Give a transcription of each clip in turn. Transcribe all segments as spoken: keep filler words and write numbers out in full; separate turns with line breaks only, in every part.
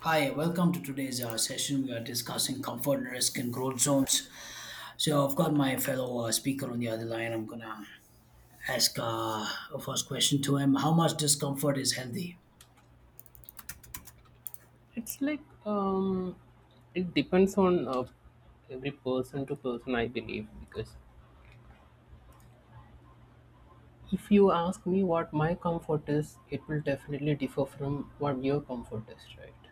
Hi, welcome to today's uh, session. We are discussing comfort risk and growth zones. So, I've got my fellow uh, speaker on the other line. I'm gonna ask uh, a first question to him. How much discomfort is healthy?
It's like, um, it depends on, uh, every person to person, I believe. Because if you ask me what my comfort is, it will definitely differ from what your comfort is, right?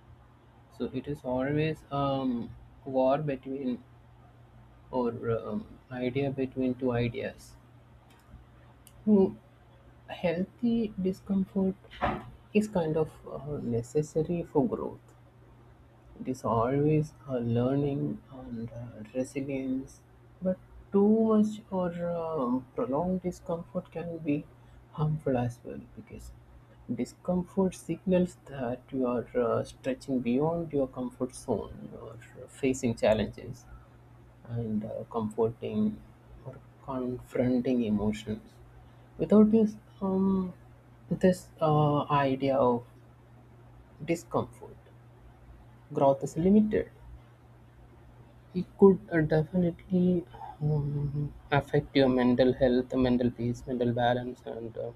So it is always um war between or, um, idea between two ideas. Hmm, Healthy discomfort is kind of uh, necessary for growth. It is always a learning and, uh, resilience, but too much or, um, prolonged discomfort can be harmful as well because discomfort signals that you are, uh, stretching beyond your comfort zone or facing challenges and, uh, comforting or confronting emotions without this um, this uh, idea of discomfort, growth is limited. It could, uh, definitely, um, affect your mental health, mental peace, mental balance, and, uh,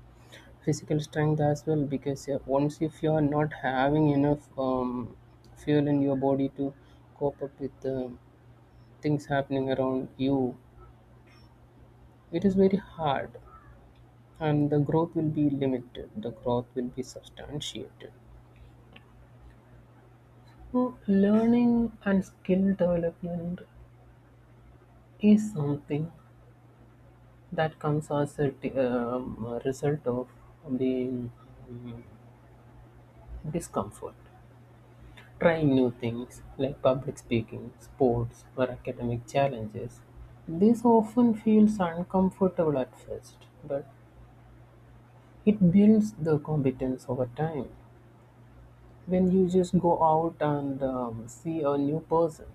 physical strength as well. Because, uh, once if you are not having enough, um, fuel in your body to cope up with, uh, things happening around you, it is very hard, and the growth will be limited. The growth will be substantiated. So learning and skill development is something that comes as a di- um, a result of being, um, discomfort. Trying new things like public speaking, sports, or academic challenges. This often feels uncomfortable at first, but it builds the competence over time. When you just go out and, um, see a new person,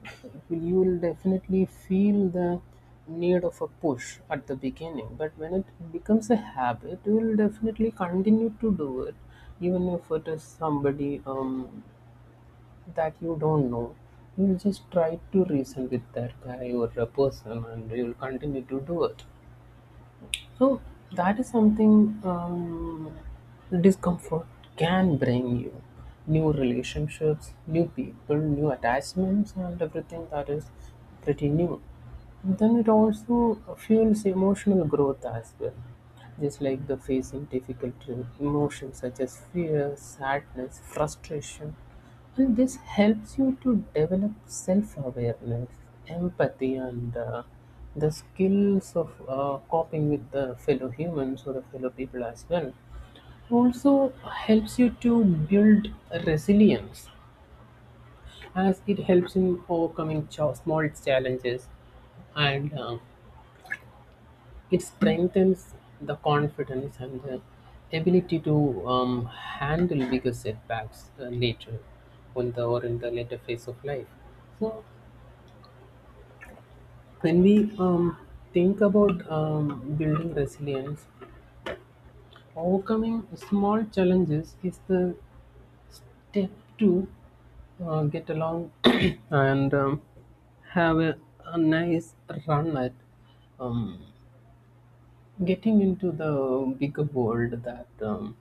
you will definitely feel the need of a push at the beginning. But when it becomes a habit, you will definitely continue to do it, even if it is somebody, um, that you don't know. You'll just try to reason with that guy or a person, and you'll continue to do it. So that is something, um, discomfort can bring you new relationships, new people, new attachments, and everything that is pretty new. Then it also fuels emotional growth as well, just like the facing difficult emotions such as fear, sadness, frustration. And this helps you to develop self awareness, empathy, and, uh, the skills of, uh, coping with the fellow humans or the fellow people as well. Also helps you to build resilience as it helps in overcoming ch- small challenges and, um, it strengthens the confidence and the ability to, um, handle bigger setbacks, uh, later on the or in the later phase of life. So when we, um, think about, um, building resilience, overcoming small challenges is the step to, uh, get along and, um, have a, a nice run at, um, getting into the bigger world that, um,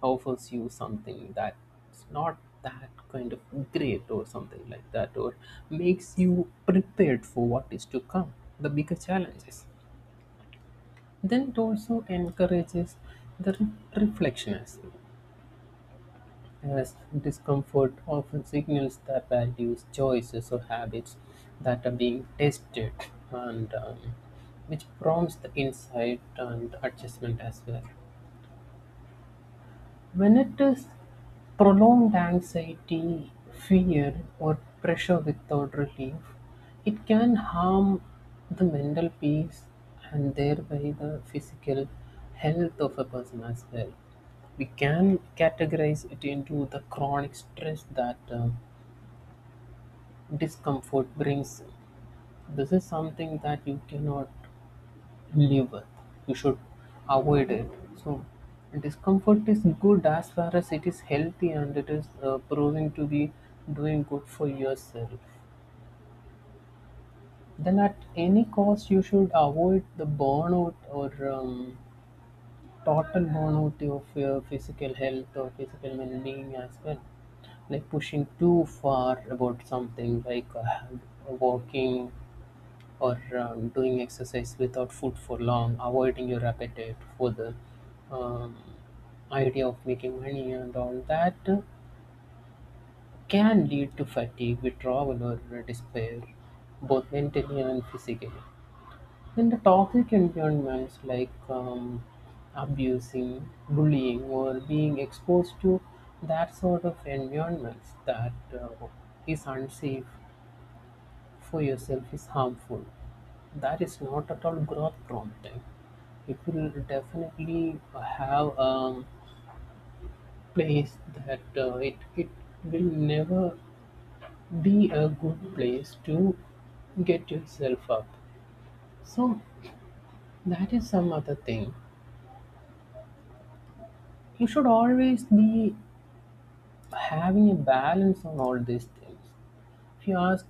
offers you something that's not that kind of great or something like that, or makes you prepared for what is to come, the bigger challenges. Then it also encourages the re- reflection as well, as discomfort often signals the values, choices, or habits that are being tested and, um, which prompts the insight and adjustment as well. When it is prolonged anxiety, fear, or pressure without relief, it can harm the mental peace and thereby the physical health of a person as well. We can categorize it into the chronic stress that, uh, discomfort brings. This is something that you cannot liver. You should avoid it. So, discomfort is good as far as it is healthy and it is, uh, proving to be doing good for yourself. Then, at any cost, you should avoid the burnout or, um, total burnout of your physical health or physical well being as well, like pushing too far about something like, uh, walking or, um, doing exercise without food for long, avoiding your appetite for the, um, idea of making money and all that can lead to fatigue, withdrawal, or despair, both mentally and physically. Then the toxic environments like, um, abusing, bullying, or being exposed to that sort of environments that, uh, is unsafe for yourself is harmful. That is not at all growth prompting. It will definitely have a place that, uh, it, it will never be a good place to get yourself up. So, that is some other thing. You should always be having a balance on all these things. If you ask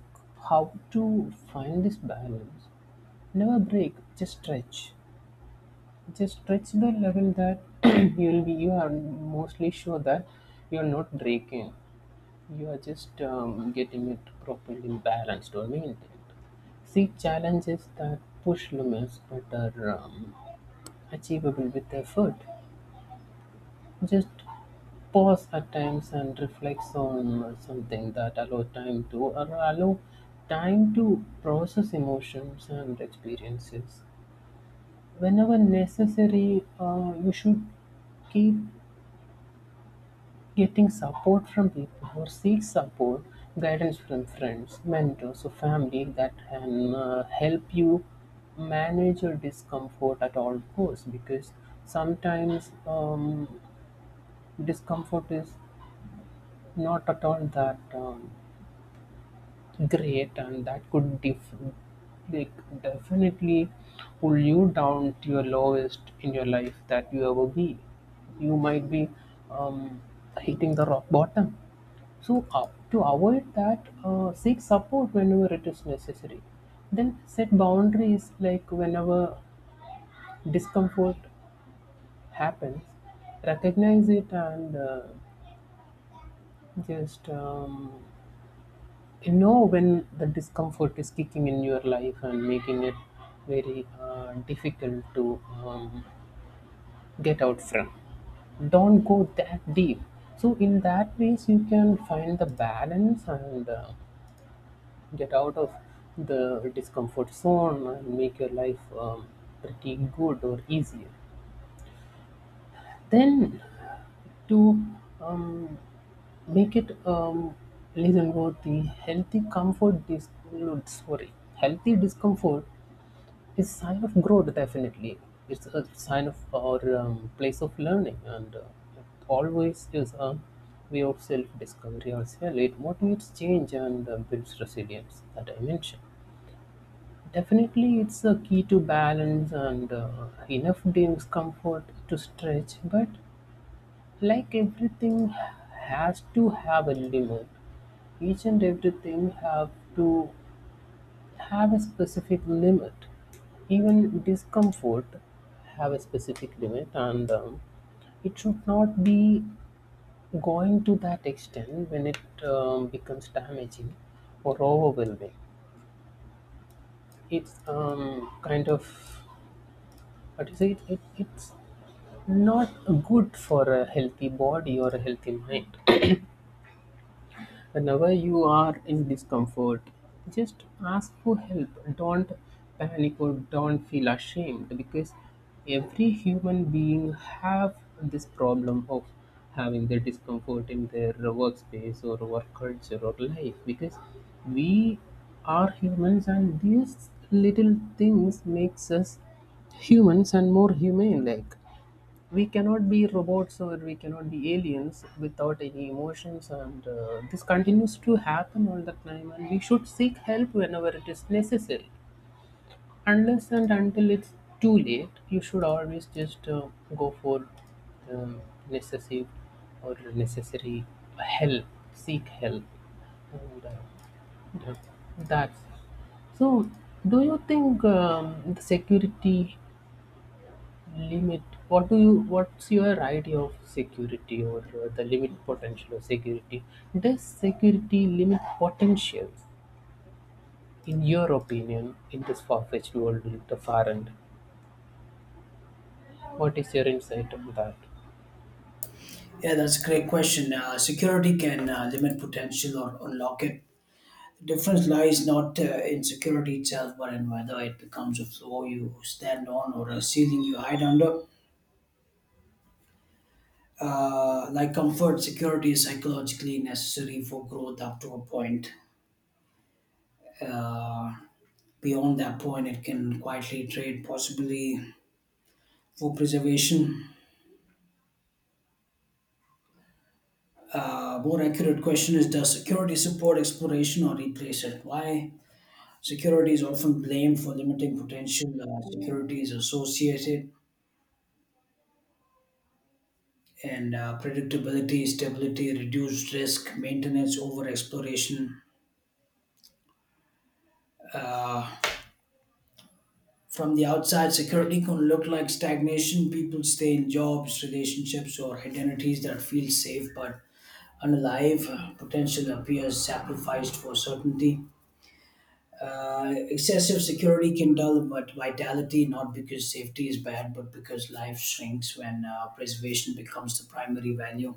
how to find this balance, never break, just stretch. Just stretch the level that you'll be you are mostly sure that you're not breaking. You are just, um, getting it properly balanced or maintained. See challenges that push limits but are, um, achievable with effort. Just pause at times and reflect on something that allow time to or allow time to process emotions and experiences. Whenever necessary, uh, you should keep getting support from people or seek support, guidance from friends, mentors, or family that can, uh, help you manage your discomfort at all costs because sometimes, um, discomfort is not at all that. Um, great, and that could def- like definitely pull you down to your lowest in your life that you ever be you might be, um, hitting the rock bottom. So, uh, to avoid that, uh, seek support whenever it is necessary. Then set boundaries, like whenever discomfort happens, recognize it and, uh, just, um, you know when the discomfort is kicking in your life and making it very, uh, difficult to, um, get out from. Don't go that deep. So in that ways you can find the balance and, uh, get out of the discomfort zone and make your life, um, pretty good or easier. Then to, um, make it, um, listen worthy, healthy comfort dis- no, sorry healthy discomfort is sign of growth. Definitely it's a sign of our, um, place of learning and, uh, it always is a way of self-discovery as well. It motivates change and, uh, builds resilience that I mentioned. Definitely it's a key to balance and, uh, enough discomfort to stretch. But like everything has to have a limit, each and everything have to have a specific limit. Even discomfort have a specific limit, and, um, it should not be going to that extent when it, um, becomes damaging or overwhelming. It's, um, kind of what is it? It it's not good for a healthy body or a healthy mind. Whenever you are in discomfort, just ask for help. Don't panic or don't feel ashamed because every human being have this problem of having their discomfort in their workspace or work culture or life because we are humans and these little things makes us humans and more humane, like we cannot be robots or we cannot be aliens without any emotions, and, uh, this continues to happen all the time and we should seek help whenever it is necessary, unless and until it's too late. You should always just, uh, go for, um, necessary or necessary help, seek help and, uh, yeah, that's so. Do you think, um, the security limit. What do you? What's your idea of security or, uh, the limit potential of security? Does security limit potential? In your opinion, in this far-fetched world, with the far end, what is your insight on that?
Yeah, that's a great question. Uh, security can uh, limit potential or unlock it. The difference lies not uh, in security itself, but in whether it becomes a floor you stand on or a ceiling you hide under. Uh, like comfort, security is psychologically necessary for growth up to a point. Beyond that point, it can quietly trade, possibly for preservation. Uh, more accurate question is, does security support exploration or replace it? Why? Security is often blamed for limiting potential. Uh, security is associated and uh, predictability, stability, reduced risk, maintenance over exploration. From the outside, security can look like stagnation. People stay in jobs, relationships, or identities that feel safe, but unalive, potential appears sacrificed for certainty. Uh, excessive security can dull but vitality, not because safety is bad, but because life shrinks when uh, preservation becomes the primary value.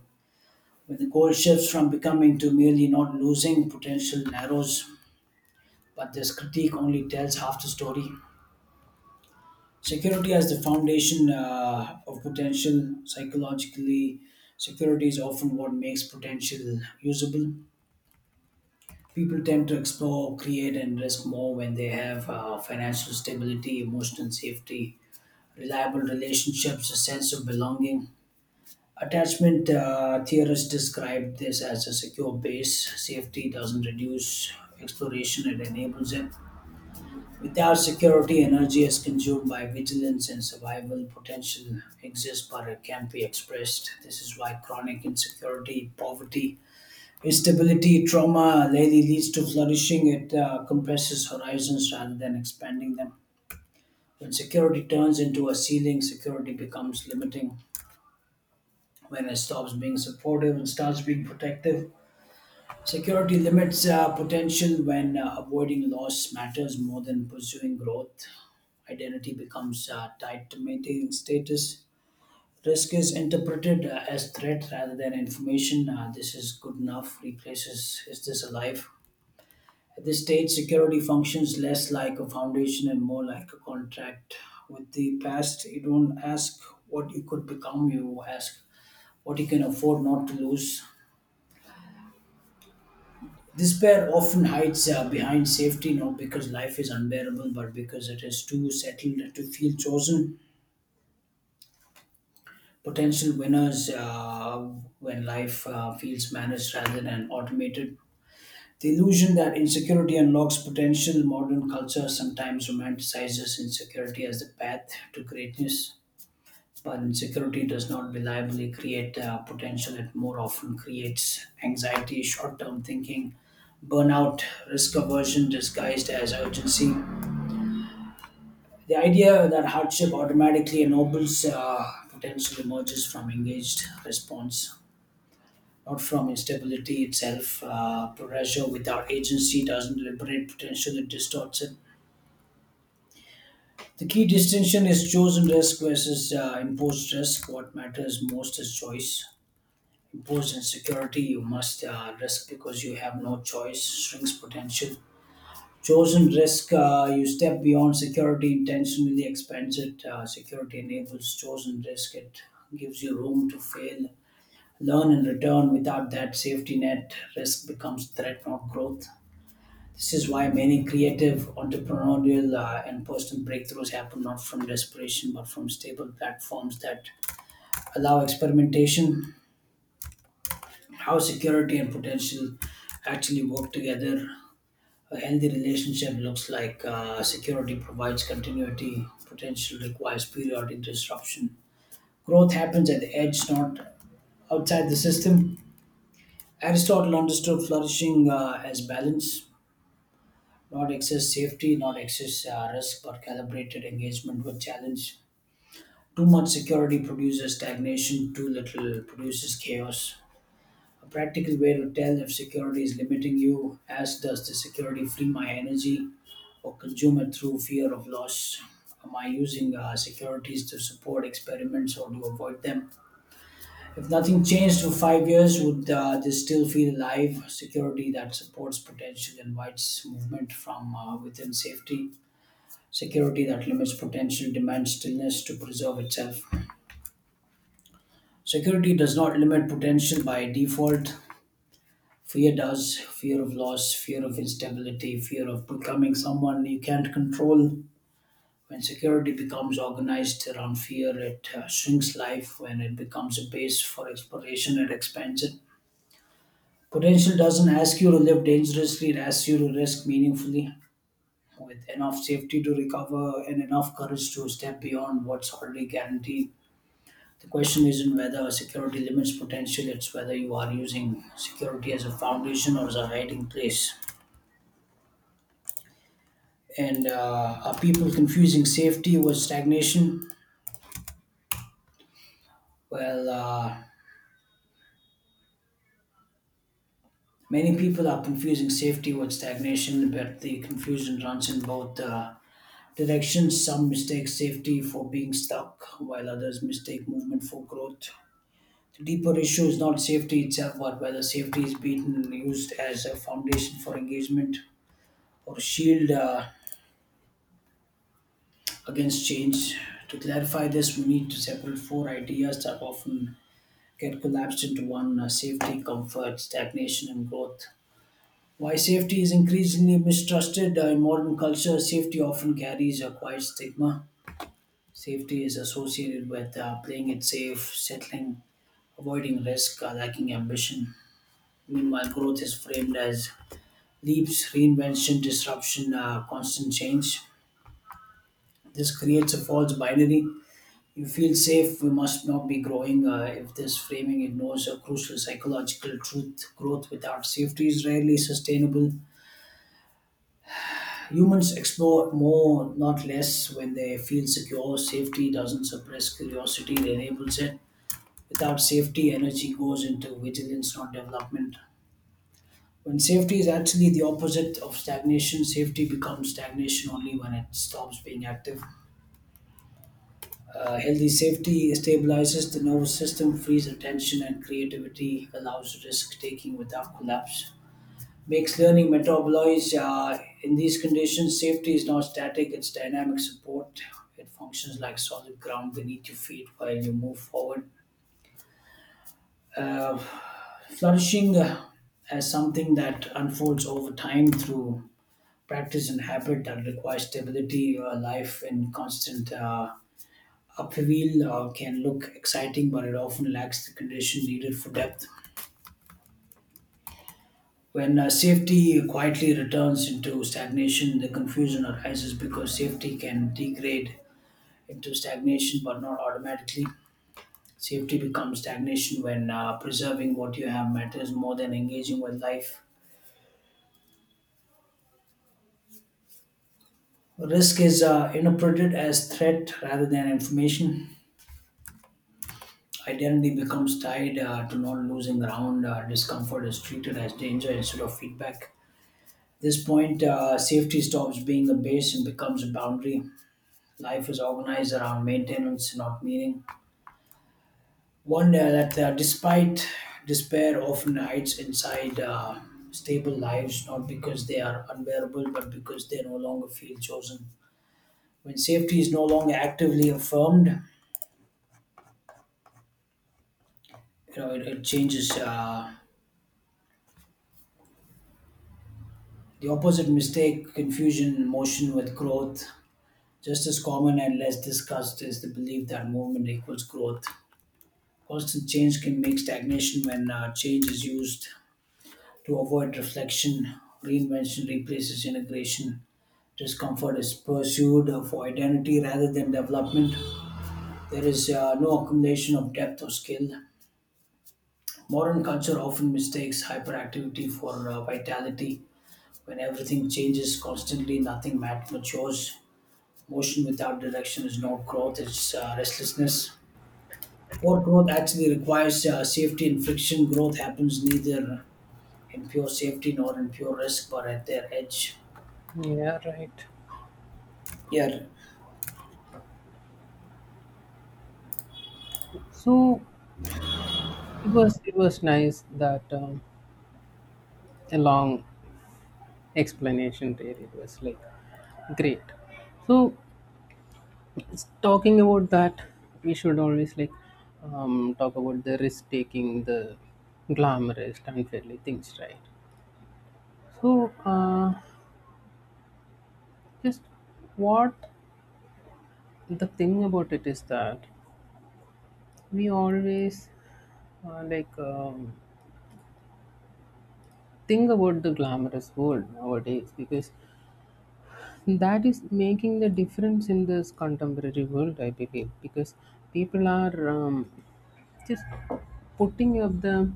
When the goal shifts from becoming to merely not losing, potential narrows. But this critique only tells half the story. Security as the foundation uh, of potential. Psychologically, security is often what makes potential usable. People tend to explore, create, and risk more when they have uh, financial stability, emotional safety, reliable relationships, a sense of belonging. Attachment uh, theorists describe this as a secure base. Safety doesn't reduce exploration, it enables it. Without security, energy is consumed by vigilance and survival. Potential exists, but it can't be expressed. This is why chronic insecurity, poverty, instability, trauma rarely leads to flourishing. It uh, compresses horizons rather than expanding them. When security turns into a ceiling, security becomes limiting. When it stops being supportive and starts being protective, security limits uh, potential. When uh, avoiding loss matters more than pursuing growth, identity becomes uh, tied to maintaining status. Risk is interpreted uh, as threat rather than information. Uh, this is good enough replaces is this alive? The state security functions less like a foundation and more like a contract with the past. You don't ask what you could become, you ask what you can afford not to lose. Despair often hides uh, behind safety, not because life is unbearable, but because it is too settled to feel chosen. Potential winners uh, when life uh, feels managed rather than automated. The illusion that insecurity unlocks potential, modern culture sometimes romanticizes insecurity as the path to greatness, but insecurity does not reliably create uh, potential. It more often creates anxiety, short term thinking, burnout, risk aversion disguised as urgency. The idea that hardship automatically ennobles uh, potential emerges from engaged response, not from instability itself. Uh, pressure without agency doesn't liberate potential, it distorts it. The key distinction is chosen risk versus uh, imposed risk. What matters most is choice. Imposed insecurity, you must uh, risk because you have no choice, shrinks potential. Chosen risk, uh, you step beyond security, intentionally expands it. Uh, security enables chosen risk, it gives you room to fail, learn, and return. Without that safety net, risk becomes threat, not growth. This is why many creative, entrepreneurial, uh, and personal breakthroughs happen not from desperation but from stable platforms that allow experimentation, how security and potential actually work together. A healthy relationship looks like uh, security provides continuity, potential requires periodic disruption. Growth happens at the edge, not outside the system. Aristotle understood flourishing uh, as balance, not excess safety, not excess uh, risk, but calibrated engagement with challenge. Too much security produces stagnation, too little produces chaos. A practical way to tell if security is limiting you, as does the security free my energy or consume it through fear of loss? Am I using uh, securities to support experiments or to avoid them? If nothing changed for five years, would uh, this still feel alive? Security that supports potential invites movement from uh, within safety. Security that limits potential demands stillness to preserve itself. Security does not limit potential by default. Fear does. Fear of loss, fear of instability, fear of becoming someone you can't control. When security becomes organized around fear, it uh, shrinks life. When it becomes a base for exploration, it expands it. Potential doesn't ask you to live dangerously, it asks you to risk meaningfully with enough safety to recover and enough courage to step beyond what's already guaranteed. The question isn't whether a security limits potential, it's whether you are using security as a foundation or as a hiding place. And uh, are people confusing safety with stagnation? Well, uh, many people are confusing safety with stagnation, but the confusion runs in both uh, directions. Some mistake safety for being stuck, while others mistake movement for growth. The deeper issue is not safety itself, but whether safety is beaten and used as a foundation for engagement or shield. Uh, against change. To clarify this, we need to separate four ideas that often get collapsed into one: uh, safety, comfort, stagnation, and growth. Why safety is increasingly mistrusted uh, in modern culture, safety often carries a quiet stigma. Safety is associated with uh, playing it safe, settling, avoiding risk, uh, lacking ambition. Meanwhile, growth is framed as leaps, reinvention, disruption, uh, constant change. This creates a false binary. You feel safe, we must not be growing. Uh, if this framing ignores a crucial psychological truth, growth without safety is rarely sustainable. Humans explore more, not less, when they feel secure. Safety doesn't suppress curiosity, it enables it. Without safety, energy goes into vigilance, not development. When safety is actually the opposite of stagnation, safety becomes stagnation only when it stops being active. Uh, healthy safety stabilizes the nervous system, frees attention and creativity, allows risk taking without collapse, makes learning metabolize. Uh, in these conditions, safety is not static, it's dynamic support. It functions like solid ground beneath your feet while you move forward. Uh, Flourishing uh, as something that unfolds over time through practice and habit that requires stability, a life in constant. Uh, upheaval uh, can look exciting, but it often lacks the condition needed for depth. When uh, safety quietly returns into stagnation, the confusion arises because safety can degrade into stagnation, but not automatically. Safety becomes stagnation when uh, preserving what you have matters more than engaging with life. Risk is uh, interpreted as threat rather than information. Identity becomes tied uh, to not losing ground. Uh, discomfort is treated as danger instead of feedback. This point, uh, safety stops being a base and becomes a boundary. Life is organized around maintenance, not meaning. One uh, that, uh, despite despair, often hides inside uh, stable lives, not because they are unbearable, but because they no longer feel chosen. When safety is no longer actively affirmed, you know, it, it changes. Uh, the opposite mistake, confusion, motion with growth. Just as common and less discussed is the belief that movement equals growth. Constant change can make stagnation when uh, change is used to avoid reflection. Reinvention replaces integration. Discomfort is pursued for identity rather than development. There is uh, no accumulation of depth or skill. Modern culture often mistakes hyperactivity for uh, vitality. When everything changes constantly, nothing mat- matures. Motion without direction is not growth, it's uh, restlessness. Poor growth actually requires uh, safety and friction. Growth happens neither in pure safety nor in pure risk, but at their edge.
Yeah, right.
Yeah,
So, it was it was nice that, um, a long explanation there. It was like great. So talking about that, we should always like, um, talk about the risk taking, the glamorous, unfairly things, right? So, uh, just what the thing about it is that we always, uh, like, um, think about the glamorous world nowadays because that is making the difference in this contemporary world, I believe, because people are, um, just putting up the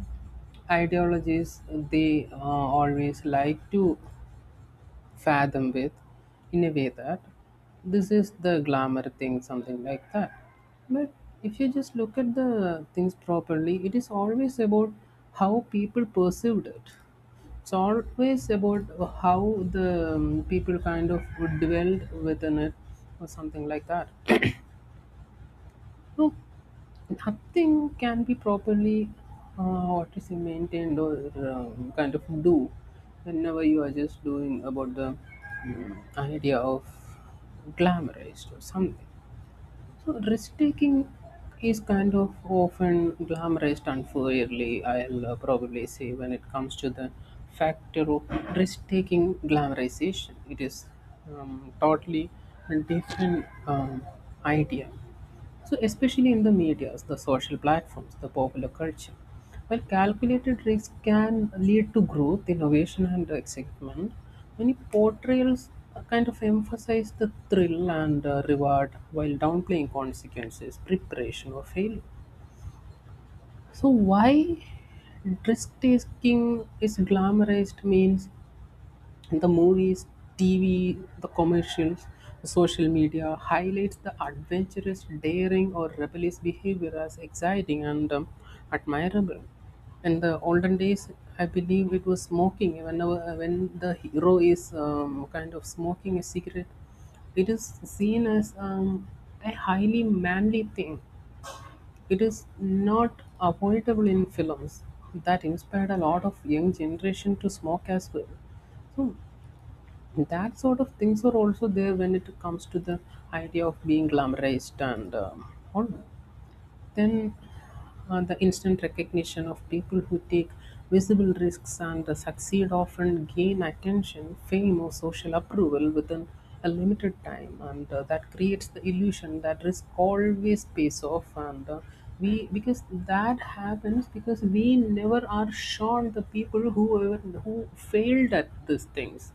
ideologies they, uh, always like to fathom with, in a way that this is the glamour thing, something like that. But if you just look at the things properly, it is always about how people perceived it. It's always about how the, um, people kind of dwelled within it or something like that. No, nothing can be properly, uh, what is it, maintained or, um, kind of do whenever you are just doing about the, mm, idea of glamorized or something. So risk taking is kind of often glamorized unfairly, I'll, uh, probably say. When it comes to the factor of risk taking glamorization, it is, um, totally a different, um, idea. So, especially in the medias, the social platforms, the popular culture, while calculated risk can lead to growth, innovation, and excitement, many portrayals, uh, kind of emphasize the thrill and, uh, reward while downplaying consequences, preparation, or failure. So, why risk taking is glamorized means the movies, T V, the commercials, social media highlights the adventurous, daring, or rebellious behavior as exciting and, um, admirable. In the olden days, I believe it was smoking. Whenever when the hero is, um, kind of smoking a cigarette, it is seen as, um, a highly manly thing. It is not avoidable in films that inspired a lot of young generation to smoke as well. So that sort of things are also there when it comes to the idea of being glamorized and, um, all. Then, uh, the instant recognition of people who take visible risks and succeed often gain attention, fame, or social approval within a limited time, and, uh, that creates the illusion that risk always pays off. And, uh, we because that happens because we never are sure the people who who failed at these things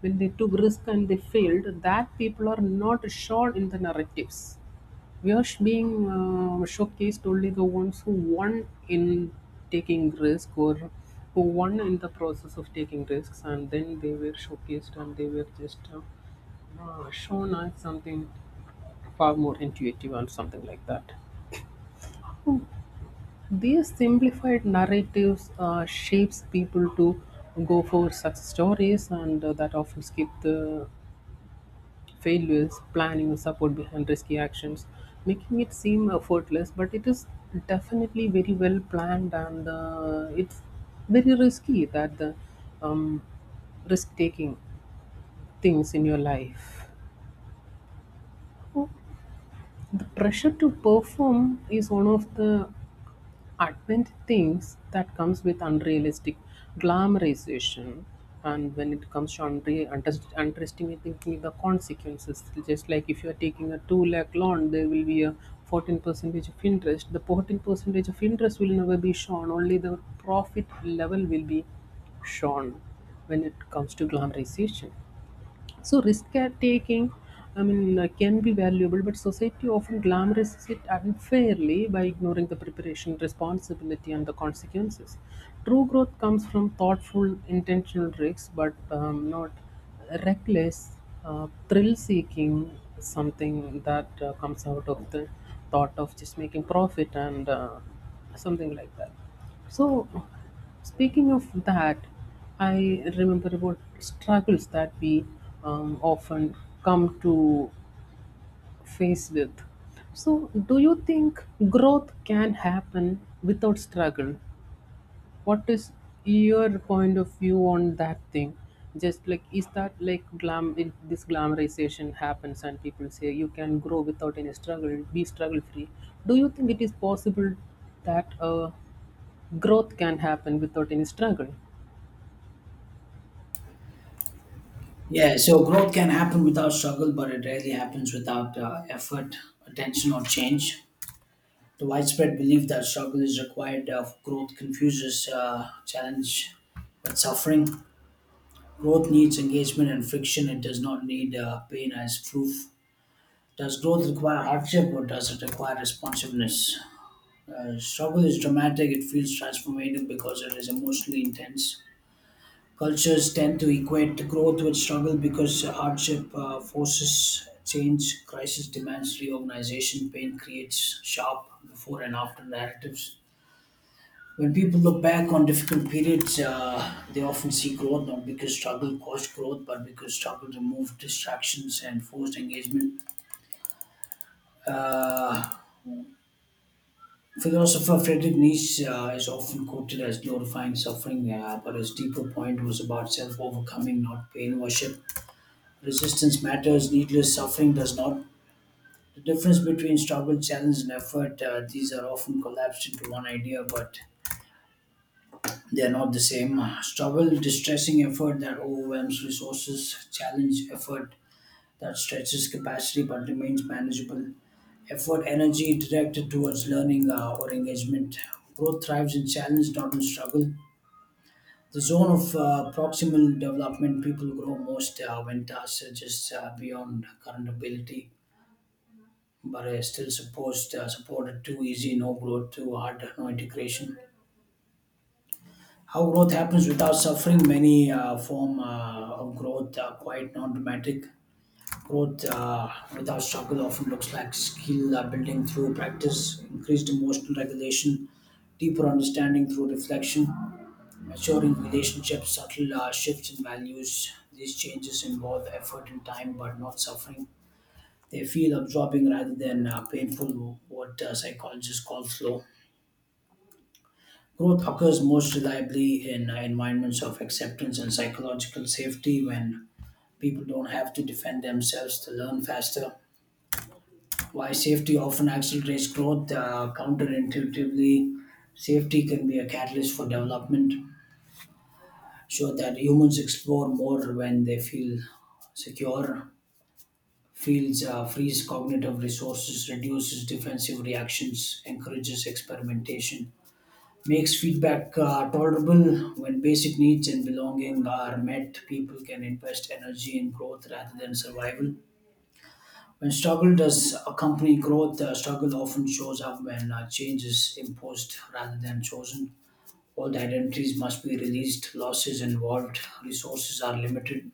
when they took risk and they failed, that people are not shown in the narratives. We are being, uh, showcased only the ones who won in taking risk or who won in the process of taking risks and then they were showcased and they were just, uh, uh, shown as something far more intuitive and something like that. These simplified narratives, uh, shapes people to go for success stories and, uh, that often skip the failures, planning, and support behind risky actions, making it seem effortless. But it is definitely very well planned, and, uh, it's very risky that the, um, risk-taking things in your life. Oh, the pressure to perform is one of the advent thinks that comes with unrealistic glamorization, and when it comes to unre- underst- underestimating the consequences, just like if you are taking a two lakh loan, there will be a fourteen percentage of interest. The fourteen percentage of interest will never be shown, only the profit level will be shown when it comes to glamorization. So risk taking, I mean, uh, can be valuable, but society often glamorizes it unfairly by ignoring the preparation, responsibility, and the consequences. True growth comes from thoughtful, intentional risks, but, um, not reckless, uh, thrill seeking. Something that, uh, comes out of the thought of just making profit and, uh, something like that. So, speaking of that, I remember about struggles that we, um, often come to face with. So, do you think growth can happen without struggle? What is your point of view on that thing? Just like, is that like glam? If this glamorization happens and people say you can grow without any struggle, be struggle free. Do you think it is possible that, uh, growth can happen without any struggle?
yeah. So growth can happen without struggle, but it rarely happens without uh, effort, attention, or change. The widespread belief that struggle is required uh, for growth confuses uh, challenge with suffering. Growth needs engagement and friction. It does not need uh, pain as proof. Does growth require hardship or does it require responsiveness? Uh, struggle is dramatic. It feels transformative because it is emotionally intense. Cultures tend to equate growth with struggle because hardship uh, forces change, crisis demands reorganization, pain creates sharp before and after narratives. When people look back on difficult periods, uh, they often see growth not because struggle caused growth, but because struggle removed distractions and forced engagement. Uh, Philosopher Friedrich Nietzsche uh, is often quoted as glorifying suffering, uh, but his deeper point was about self overcoming, not pain worship. Resistance matters, needless suffering does not. The difference between struggle, challenge, and effort, uh, these are often collapsed into one idea, but they are not the same. Struggle, distressing effort that overwhelms resources; challenge, effort that stretches capacity but remains manageable; effort, energy directed towards learning uh, or engagement. Growth thrives in challenge, not in struggle. The zone of uh, proximal development, people grow most uh, when tasks are just uh, beyond current ability but I still supposed uh, supported, too easy, no growth, too hard, no integration. How growth happens without suffering, many uh, form uh, of growth are quite non-dramatic. Growth uh, without struggle often looks like skill uh, building through practice, increased emotional regulation, deeper understanding through reflection, maturing relationships, subtle uh, shifts in values. These changes involve effort and time, but not suffering. They feel absorbing rather than uh, painful, what uh, psychologists call slow. Growth occurs most reliably in uh, environments of acceptance and psychological safety when people don't have to defend themselves to learn faster. Why safety often accelerates growth uh, counterintuitively. Safety can be a catalyst for development, so that humans explore more when they feel secure fields, uh, frees cognitive resources, reduces defensive reactions, encourages experimentation, makes feedback uh, tolerable. When basic needs and belonging are met, people can invest energy in growth rather than survival. When struggle does accompany growth, uh, struggle often shows up when uh, change is imposed rather than chosen. Old identities must be released, losses involved, resources are limited.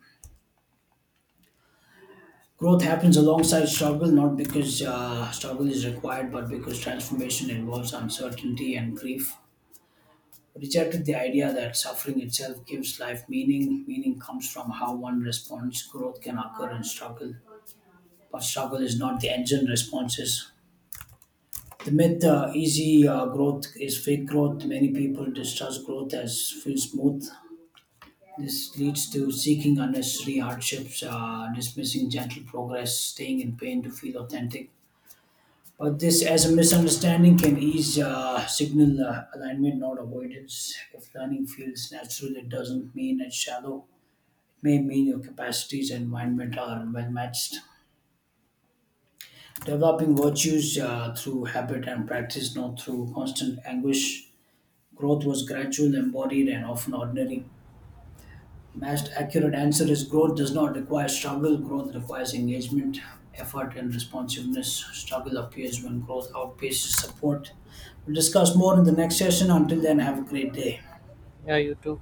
Growth happens alongside struggle, not because uh, struggle is required, but because transformation involves uncertainty and grief. Rejected the idea that suffering itself gives life meaning. Meaning comes from how one responds. Growth can occur in struggle, but struggle is not the engine. Responses. The myth uh, easy uh, growth is fake growth. Many people distrust growth as feel smooth. This leads to seeking unnecessary hardships, uh, dismissing gentle progress, staying in pain to feel authentic. But this, as a misunderstanding, can ease uh, signal uh, alignment, not avoidance. If learning feels natural, it doesn't mean it's shallow. It may mean your capacities and environment are well matched. Developing virtues uh, through habit and practice, not through constant anguish. Growth was gradual, embodied, and often ordinary. Most accurate answer is growth does not require struggle. Growth requires engagement, effort, and responsiveness. Struggle appears when growth outpaces support. We'll discuss more in the next session. Until then, have a great day.
Yeah, you too.